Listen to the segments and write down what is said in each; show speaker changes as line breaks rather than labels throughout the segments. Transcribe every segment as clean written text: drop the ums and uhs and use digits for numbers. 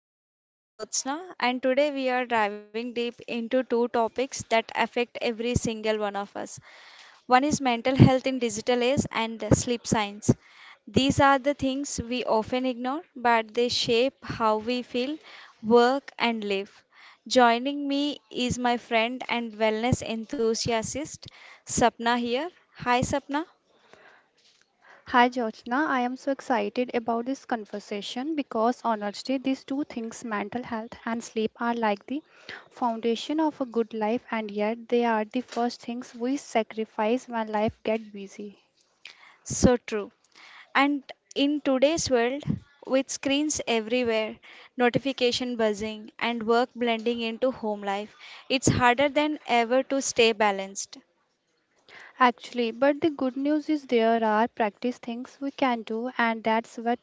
Interest. I am Jyotsna, and today we are diving deep into two topics that affect every single one of us. One is mental health in digital age and sleep science. These are the things we often ignore, but they shape how we feel, work, and live. Joining me is my friend and wellness enthusiast, Sapna here. Hi, Sapna.
Hi, Jyotsna. I am so excited about this conversation because honestly, these two things, mental health and sleep, are like the foundation of a good life, and yet they are the first things we sacrifice when life gets busy.
So true. And in today's world, with screens everywhere, notification buzzing, and work blending into home life, it's harder than ever to stay balanced.
Actually, but the good news is there are practice things we can do, and that's what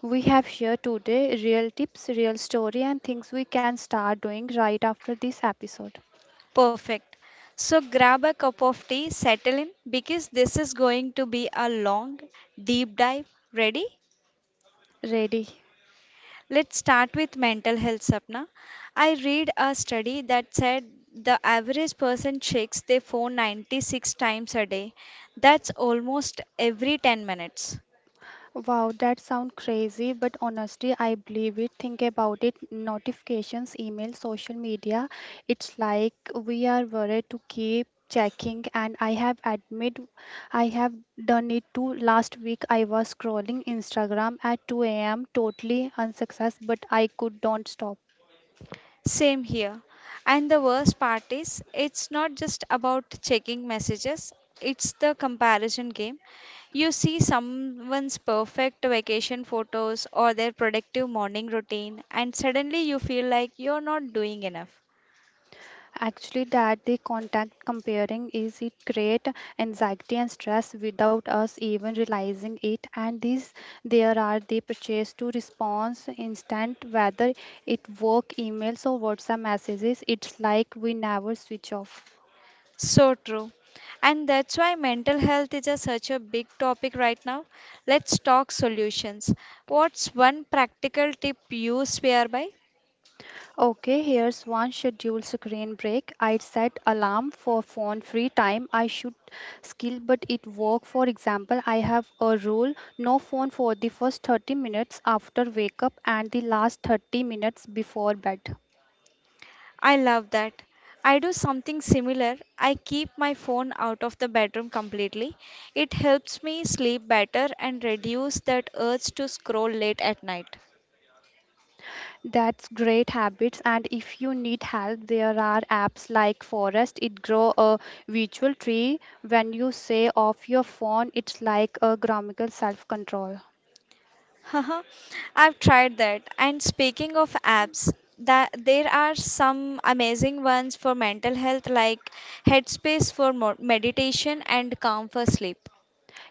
we have here today real tips, real story, and things we can start doing right after this episode.
Perfect. So grab a cup of tea, settle in, because this is going to be a long, deep dive. Ready?
Ready?
Let's start with mental health, Sapna. I read a study that said the average person checks their phone 96 times a day. That's almost every 10 minutes.
Wow, that sounds crazy, but honestly, I believe it. Think about it. Notifications, email, social media. It's like we are worried to keep checking and I have admit I have done it too. Last week I was scrolling Instagram at 2 a.m. totally unsuccess, but I could don't stop.
Same here. And the worst part is, it's not just about checking messages, it's the comparison game. You see someone's perfect vacation photos or their productive morning routine, and suddenly you feel like you're not doing enough.
Actually, that the contact comparing is it create anxiety and stress without us even realizing it. And this, there are the purchase to response instant, whether it work emails or WhatsApp messages. It's like we never switch off.
So true. And that's why mental health is such a big topic right now. Let's talk solutions. What's one practical tip you swear by?
Okay, here's one scheduled screen break. I set alarm for phone free time. I should skill, but it work. For example, I have a rule: no phone for the first 30 minutes after wake up and the last 30 minutes before bed.
I love that. I do something similar. I keep my phone out of the bedroom completely. It helps me sleep better and reduce that urge to scroll late at night.
That's great habits. And if you need help, there are apps like Forest. It grow a virtual tree. When you say off your phone, it's like a grammatical self control.
Haha, I've tried that. And speaking of apps, that there are some amazing ones for mental health like Headspace for meditation and Calm for sleep.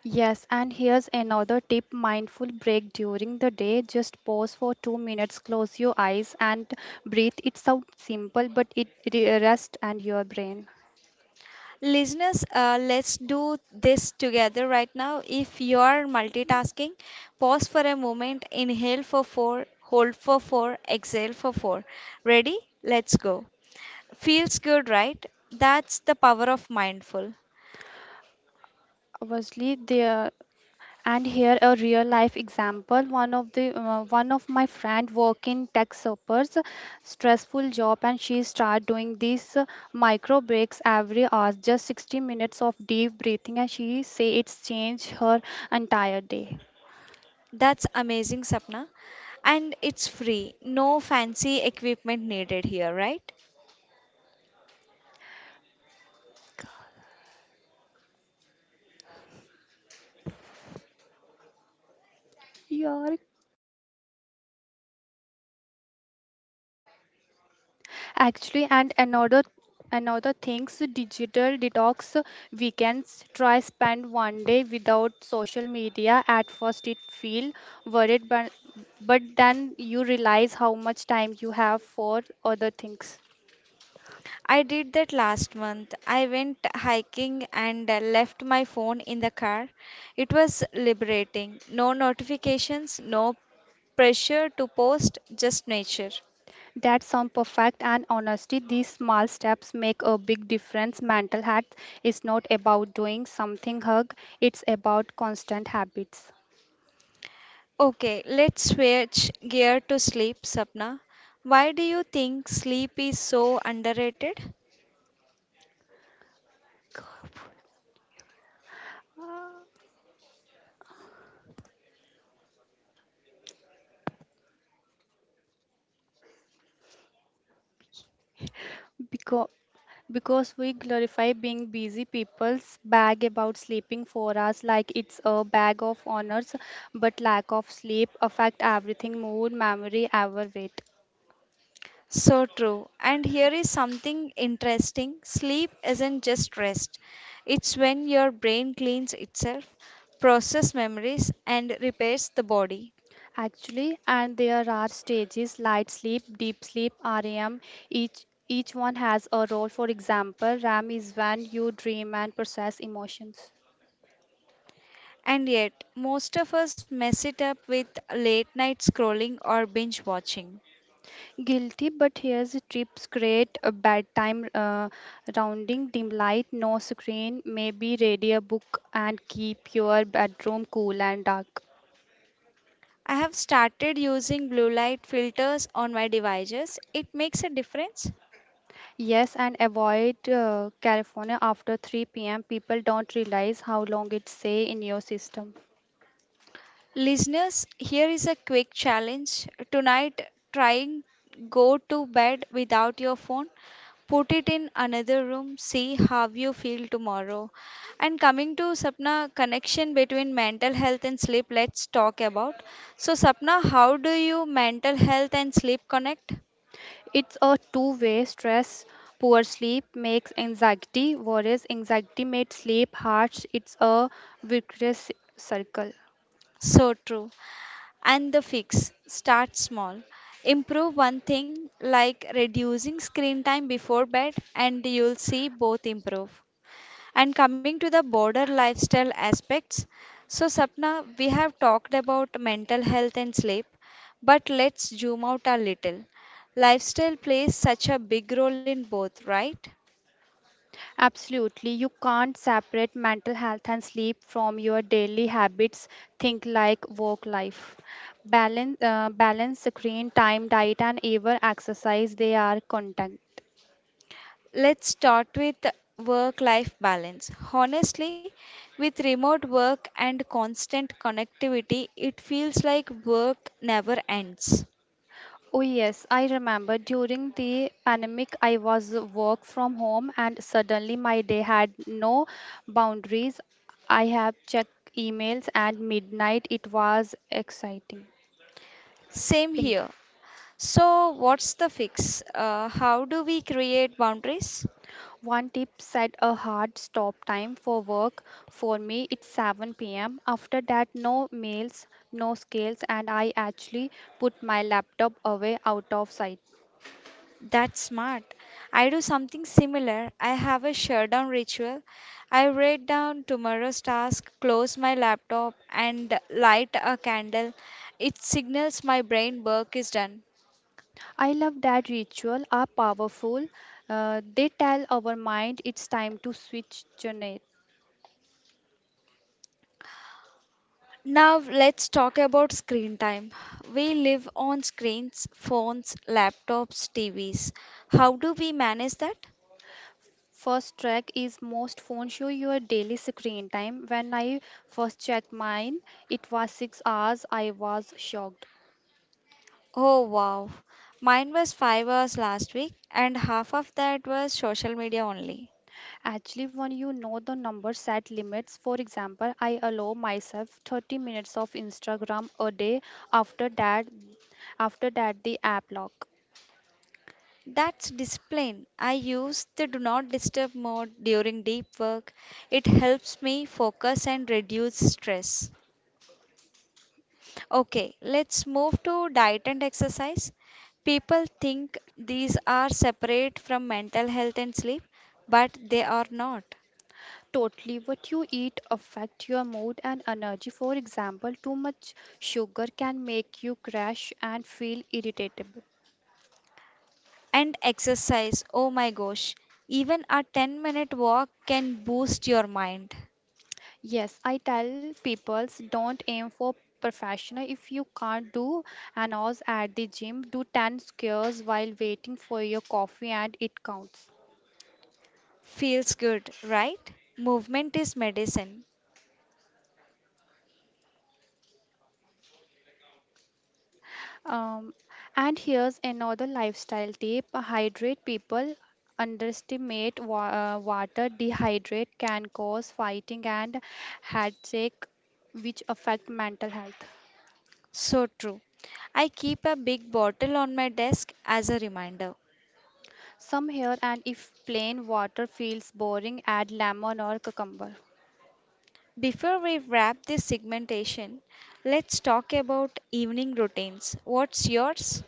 Yes, and here's another tip mindful break during the day. Just pause for 2 minutes, close your eyes, and breathe. It sounds simple, but it rest and your brain.
Listeners, let's do this together right now. If you are multitasking, pause for a moment, inhale for four, hold for four, exhale for four. Ready? Let's go. Feels good, right? That's the power of mindful.
Obviously, there and here a real life example. One of the one of my friend work in tech suppers, stressful job, and she start doing these micro breaks every hour, just 60 minutes of deep breathing, and she say it's changed her entire day.
That's amazing, Sapna. And it's free, no fancy equipment needed here, right?
Yeah, actually, and another things digital detox weekends try spend one day without social media at first it feel worried but then you realize how much time you have for other things
I did that last month. I went hiking and left my phone in the car. It was liberating. No notifications, no pressure to post, just nature.
that sound perfect and honesty these small steps make a big difference mental health is not about doing something hug it's about constant habits
Okay, let's switch gear to sleep, Sapna. Why do you think sleep is so underrated?
because because we glorify being busy people's bag about sleeping 4 hours like it's a bag of honors but lack of sleep affect everything mood memory our weight
So true. And here is something interesting sleep isn't just rest, it's when your brain cleans itself, processes memories, and repairs the body.
actually and there are stages light sleep deep sleep rem each one has a role for example ram is when you dream and process emotions.
And yet, most of us mess it up with late night scrolling or binge watching.
Guilty, but here's the tips create a bedtime rounding, dim light, no screen, maybe read book, and keep your bedroom cool and dark.
I have started using blue light filters on my devices. It makes a difference.
Yes, and avoid California after 3 p.m. People don't realize how long it stay in your system.
Listeners, here is a quick challenge. Tonight, trying go to bed without your phone. Put it in another room, see how you feel tomorrow. And coming to Sapna, connection between mental health and sleep, let's talk about. So, Sapna, how do you mental health and sleep connect?
It's a two-way stress. Poor sleep makes anxiety, whereas anxiety makes sleep harsh. It's a virtuous circle.
So true. And the fix start small. Improve one thing like reducing screen time before bed, and you'll see both improve. And coming to the border lifestyle aspects, so Sapna, we have talked about mental health and sleep, but let's zoom out a little. Lifestyle plays such a big role in both, right?
Absolutely, you can't separate mental health and sleep from your daily habits. Think like work life, balance, balance screen time, diet, and even exercise. They are contact.
Let's start with work life balance. Honestly, with remote work and constant connectivity, it feels like work never ends.
Oh yes, I remember during the pandemic I was work from home and suddenly my day had no boundaries. I have checked emails at midnight. It was exciting.
Same
Exciting.
here. So, what's the fix? How do we create boundaries?
One tip set a hard stop time for work. For me, it's 7 pm. After that, no mails, no scales, and I actually put my laptop away out of sight.
That's smart. I do something similar. I have a shutdown ritual. I write down tomorrow's task, close my laptop, and light a candle. It signals my brain work is done.
I love that ritual are powerful. They tell our mind it's time to switch genre.
Now, let's talk about screen time. We live on screens, phones, laptops, TVs. How do we manage that?
First track is most phone show your daily screen time. When I first checked mine, it was 6 hours. I was shocked.
Oh wow. Mine was 5 hours last week, and half of that was social media only.
Actually, when you know the number set limits, for example, I allow myself 30 minutes of Instagram a day after that after that the app lock.
That's discipline. I use the do not disturb mode during deep work. It helps me focus and reduce stress. Okay, let's move to diet and exercise. People think these are separate from mental health and sleep, but they are not.
Totally what you eat affect your mood and energy. For example, too much sugar can make you crash and feel irritable.
And exercise, oh my gosh, even a 10-minute walk can boost your mind.
Yes, I tell people don't aim for professional if you can't do an hour at the gym, do 10 squares while waiting for your coffee and it counts.
Feels good, right? Movement is medicine.
Um, and here's another lifestyle tip hydrate people. Underestimate water, dehydrate can cause fighting and headache, which affect mental health.
So true. I keep a big bottle on my desk as a reminder.
Some here, and if plain water feels boring, add lemon or cucumber.
Before we wrap this segmentation, let's talk about evening routines. What's yours?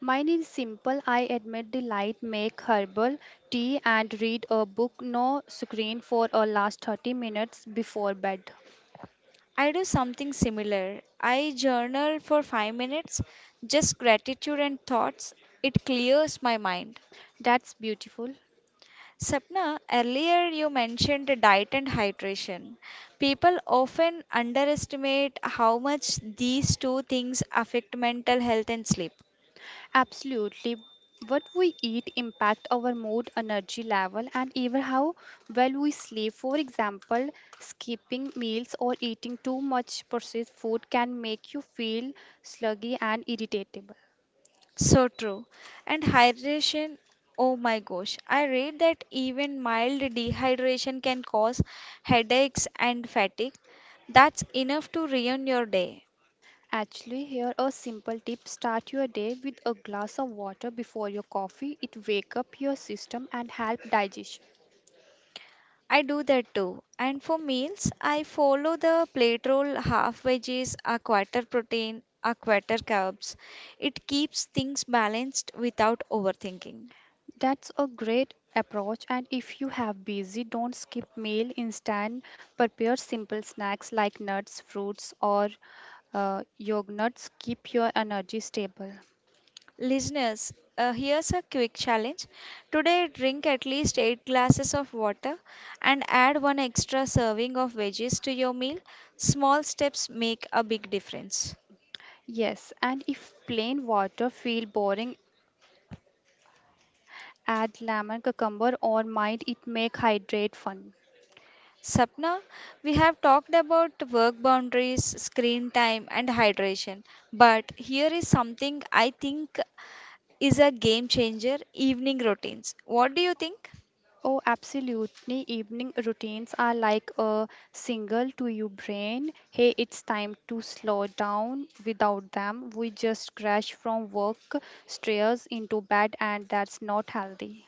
Mine is simple. I admit the light, make herbal tea, and read a book. No screen for a last 30 minutes before bed.
I do something similar. I journal for 5 minutes, just gratitude and thoughts. It clears my mind.
That's beautiful.
Sapna, earlier you mentioned the diet and hydration. People often underestimate how much these two things affect mental health and sleep.
Absolutely. What we eat impact our mood, energy level, and even how well we sleep. For example, skipping meals or eating too much processed food can make you feel sluggy and irritable.
So true. And hydration, oh my gosh, I read that even mild dehydration can cause headaches and fatigue. That's enough to ruin your day.
Actually, here a simple tip: start your day with a glass of water before your coffee. It wake up your system and help digestion.
I do that too. And for meals, I follow the plate roll half veggies, a quarter protein, a quarter carbs. It keeps things balanced without overthinking.
That's a great approach, and if you have busy, don't skip meal. Instead, prepare simple snacks like nuts, fruits, or yogurts. Keep your energy stable.
Listeners, here's a quick challenge. Today, drink at least 8 glasses of water and add one extra serving of veggies to your meal. Small steps make a big difference.
Yes, and if plain water feel boring, add lemon, cucumber, or might it make hydrate fun.
Sapna, we have talked about work boundaries, screen time, and hydration, but here is something I think is a game changer evening routines. What do you think?
Oh, absolutely. Evening routines are like a signal to your brain. Hey, it's time to slow down. Without them, we just crash from work, stress into bed, and that's not healthy.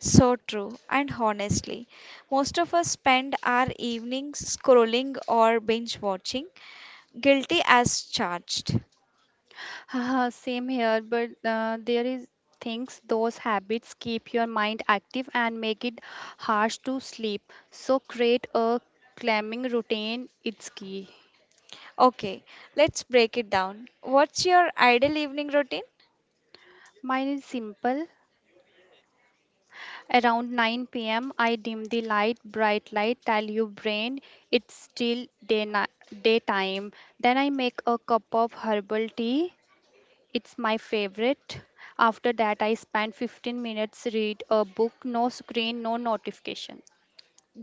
So true, and honestly, most of us spend our evenings scrolling or binge watching, guilty as charged.
Haha, same here, but there is things those habits keep your mind active and make it harsh to sleep. So create a calming routine. It's key.
Okay, let's break it down. What's your ideal evening routine?
Mine is simple. Around 9 p.m., I dim the light, bright light, tell your brain it's still daytime. Then I make a cup of herbal tea. It's my favorite. After that, I spend 15 minutes read a book, no screen, no notification.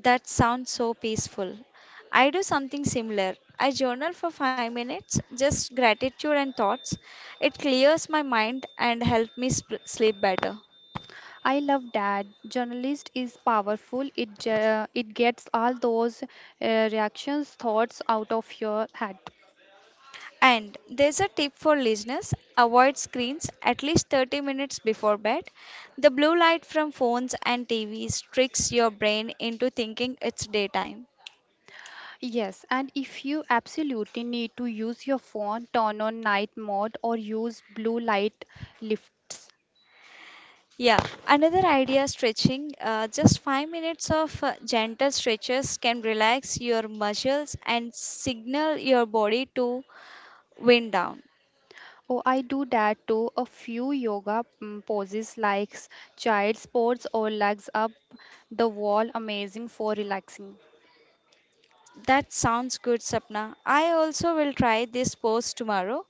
That sounds so peaceful. I do something similar. I journal for 5 minutes, just gratitude and thoughts. It clears my mind and helps me sleep better.
I love that. Journalist is powerful. It gets all those reactions, thoughts out of your head.
And there's a tip for listeners avoid screens at least 30 minutes before bed. The blue light from phones and TVs tricks your brain into thinking it's daytime.
Yes, and if you absolutely need to use your phone, turn on night mode or use blue light lifts.
Yeah, another idea stretching just 5 minutes of gentle stretches can relax your muscles and signal your body to wind down.
Oh, I do that too. A few yoga poses like child's pose or legs up the wall, amazing for relaxing.
That sounds good, Sapna. I also will try this pose tomorrow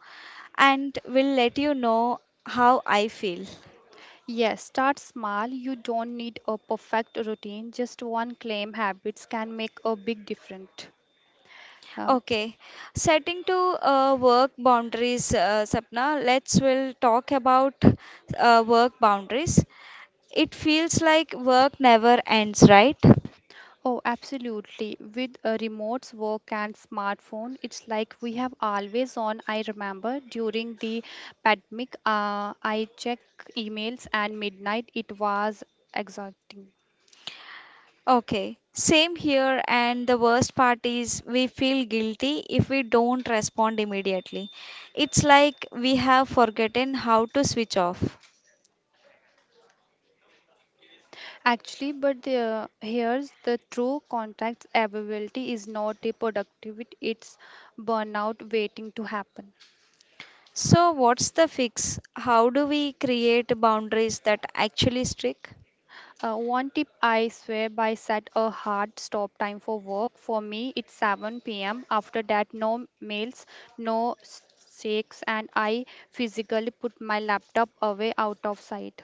and will let you know how I feel.
Yes, start small. You don't need a perfect routine. Just one claim habits can make a big difference. Uh,
Okay, setting to work boundaries, Sapna. Let's will talk about work boundaries. It feels like work never ends, right?
Oh, absolutely. With a remote work and smartphone, it's like we have always on. I remember during the pandemic, I check emails and midnight. It was exhausting.
Okay, same here. And the worst part is we feel guilty if we don't respond immediately. It's like we have forgotten how to switch off.
Actually, but here's the true contacts availability is not the productivity, it's burnout waiting to happen.
So, what's the fix? How do we create boundaries that actually stick?
One tip I swear by set a hard stop time for work. For me, it's 7 p.m. After that, no mails, no shakes, and I physically put my laptop away out of sight.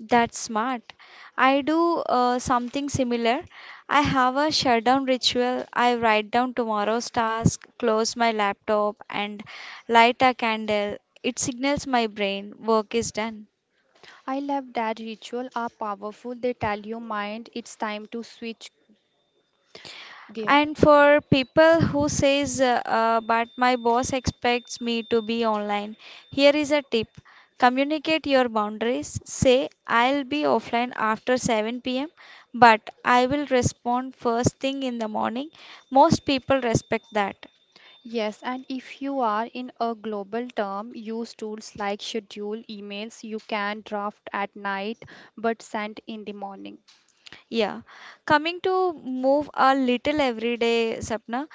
That's smart. I do something similar. I have a shutdown ritual. I write down tomorrow's task, close my laptop, and light a candle. It signals my brain work is done.
I love that ritual are powerful. They tell your mind it's time to switch gear.
And for people who says, but my boss expects me to be online, here is a tip. Communicate your boundaries. Say, I'll be offline after 7 p.m., but I will respond first thing in the morning. Most people respect that.
Yes, and if you are in a global term, use tools like schedule emails you can draft at night but send in the morning.
Yeah, coming to move a little every day, Sapna,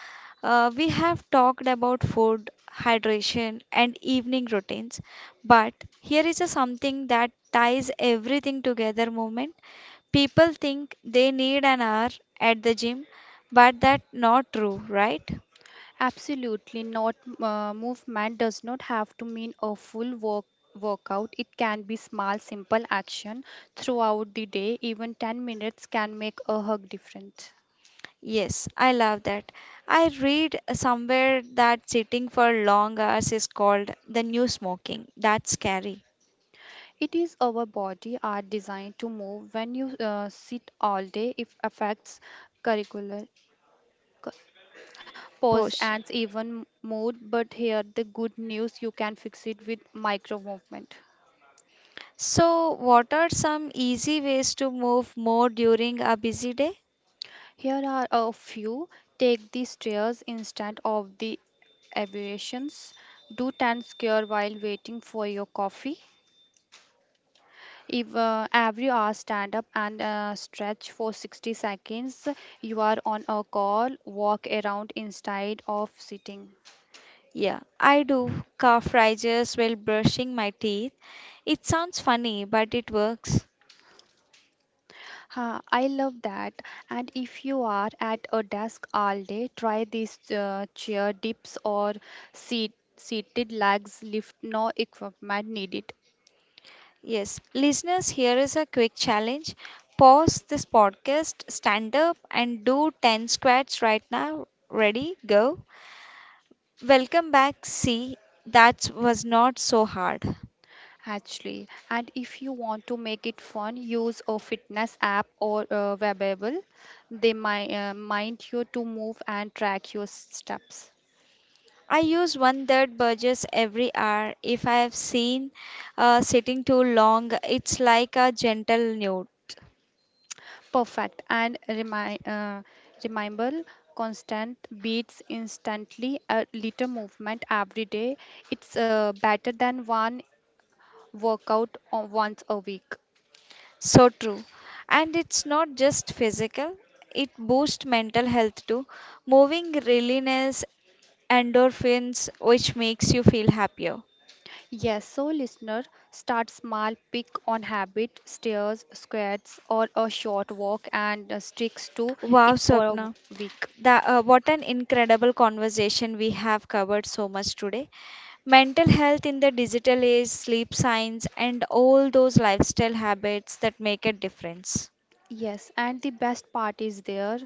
we have talked about food, hydration, and evening routines. But here is a something that ties everything together movement. People think they need an hour at the gym, but that's not true, right?
Absolutely not. Movement does not have to mean a full work workout. It can be small, simple action throughout the day. Even 10 minutes can make a hug difference.
Yes, I love that. I read somewhere that sitting for long hours is called the new smoking. That's scary.
It is our body are designed to move. When you sit all day, it affects curricular cu- pose
Posh.
and even mood. But here the good news: you can fix it with micro movement.
So, what are some easy ways to move more during a busy day?
Here are a few. Take the stairs instead of the abbreviations. Do 10 square while waiting for your coffee. If every hour stand up and stretch for 60 seconds, you are on a call, walk around instead of sitting.
Yeah, I do calf raises while brushing my teeth. It sounds funny, but it works.
Ha, I love that. And if you are at a desk all day, try these chair dips or seat seated legs lift no equipment needed.
Yes, listeners, here is a quick challenge. Pause this podcast, stand up, and do 10 squats right now. Ready? Go. Welcome back. See, that was not so hard.
Actually, and if you want to make it fun, use a fitness app or a wearable. They might mind you to move and track your steps.
I use one that burgess every hour. If I have seen sitting too long, it's like a gentle nudge.
Perfect. And remind remember, constant beats instantly. A little movement every day. It's better than one once a week.
So true. And it's not just physical, it boosts mental health too. Moving releases endorphins, which makes you feel happier.
Yes, so listener, start small, pick on habit, stairs, squats, or a short walk and sticks to
Wow,
it for a
Swapna.
week.
That, what an incredible conversation we have covered so much today. Mental health in the digital age, sleep science, and all those lifestyle habits that make a difference.
Yes, and the best part is there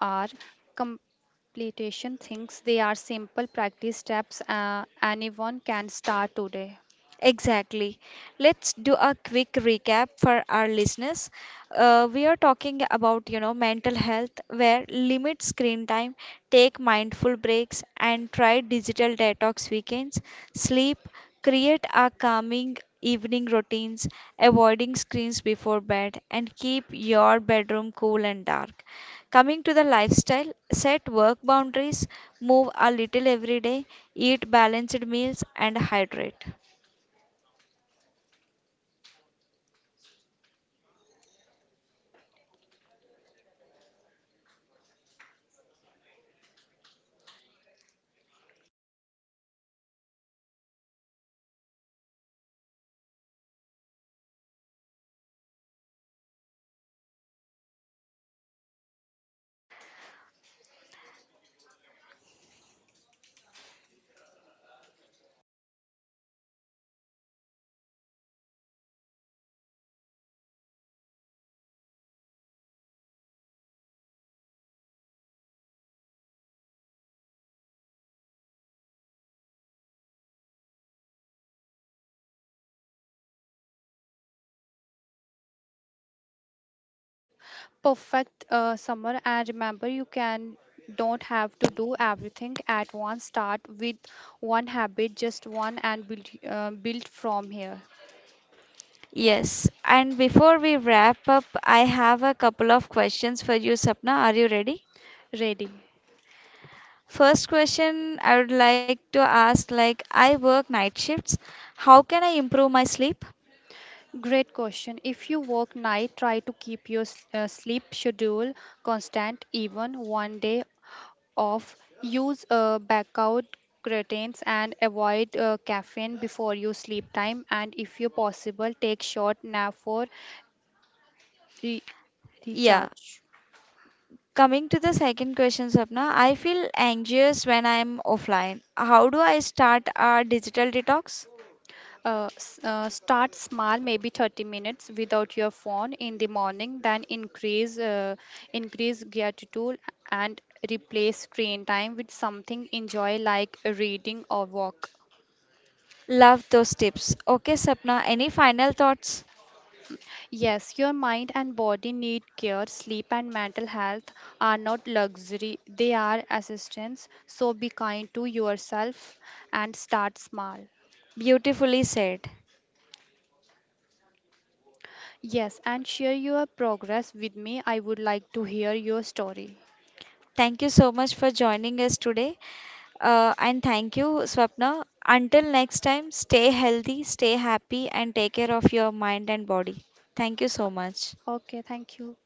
are completion things. They are simple practice steps anyone can start today.
Exactly. Let's do a quick recap for our listeners. We are talking about, you know, mental health, where limit screen time, take mindful breaks, and try digital detox weekends, sleep, create a calming evening routines, avoiding screens before bed, and keep your bedroom cool and dark. Coming to the lifestyle, set work boundaries, move a little every day, eat balanced meals, and hydrate.
Perfect summer, and remember you can don't have to do everything at once. Start with one habit, just one, and build build from here.
Yes, and before we wrap up, I have a couple of questions for you, Sapna. Are you ready?
Ready.
First question I would like to ask like I work night shifts. How can I improve my sleep?
Great question. If you work night, try to keep your sleep schedule constant, even one day off. Use blackout curtains and avoid caffeine before your sleep time. And if you possible, take short nap for re-
Yeah.
recharge.
Coming to the second question, Sapna, I feel anxious when I'm offline. How do I start a digital detox?
Start small, maybe 30 minutes without your phone in the morning, then increase gratitude and replace screen time with something enjoy like reading or walk.
Love those tips. Okay, Sapna, any final thoughts?
Yes, your mind and body need care. Sleep and mental health are not luxury, they are assistance. So be kind to yourself and start small.
Beautifully said.
Yes, and share your progress with me. I would like to hear your story.
Thank you so much for joining us today. And thank you, Swapna. Until next time, stay healthy, stay happy, and take care of your mind and body. Thank you so much.
Okay, thank you.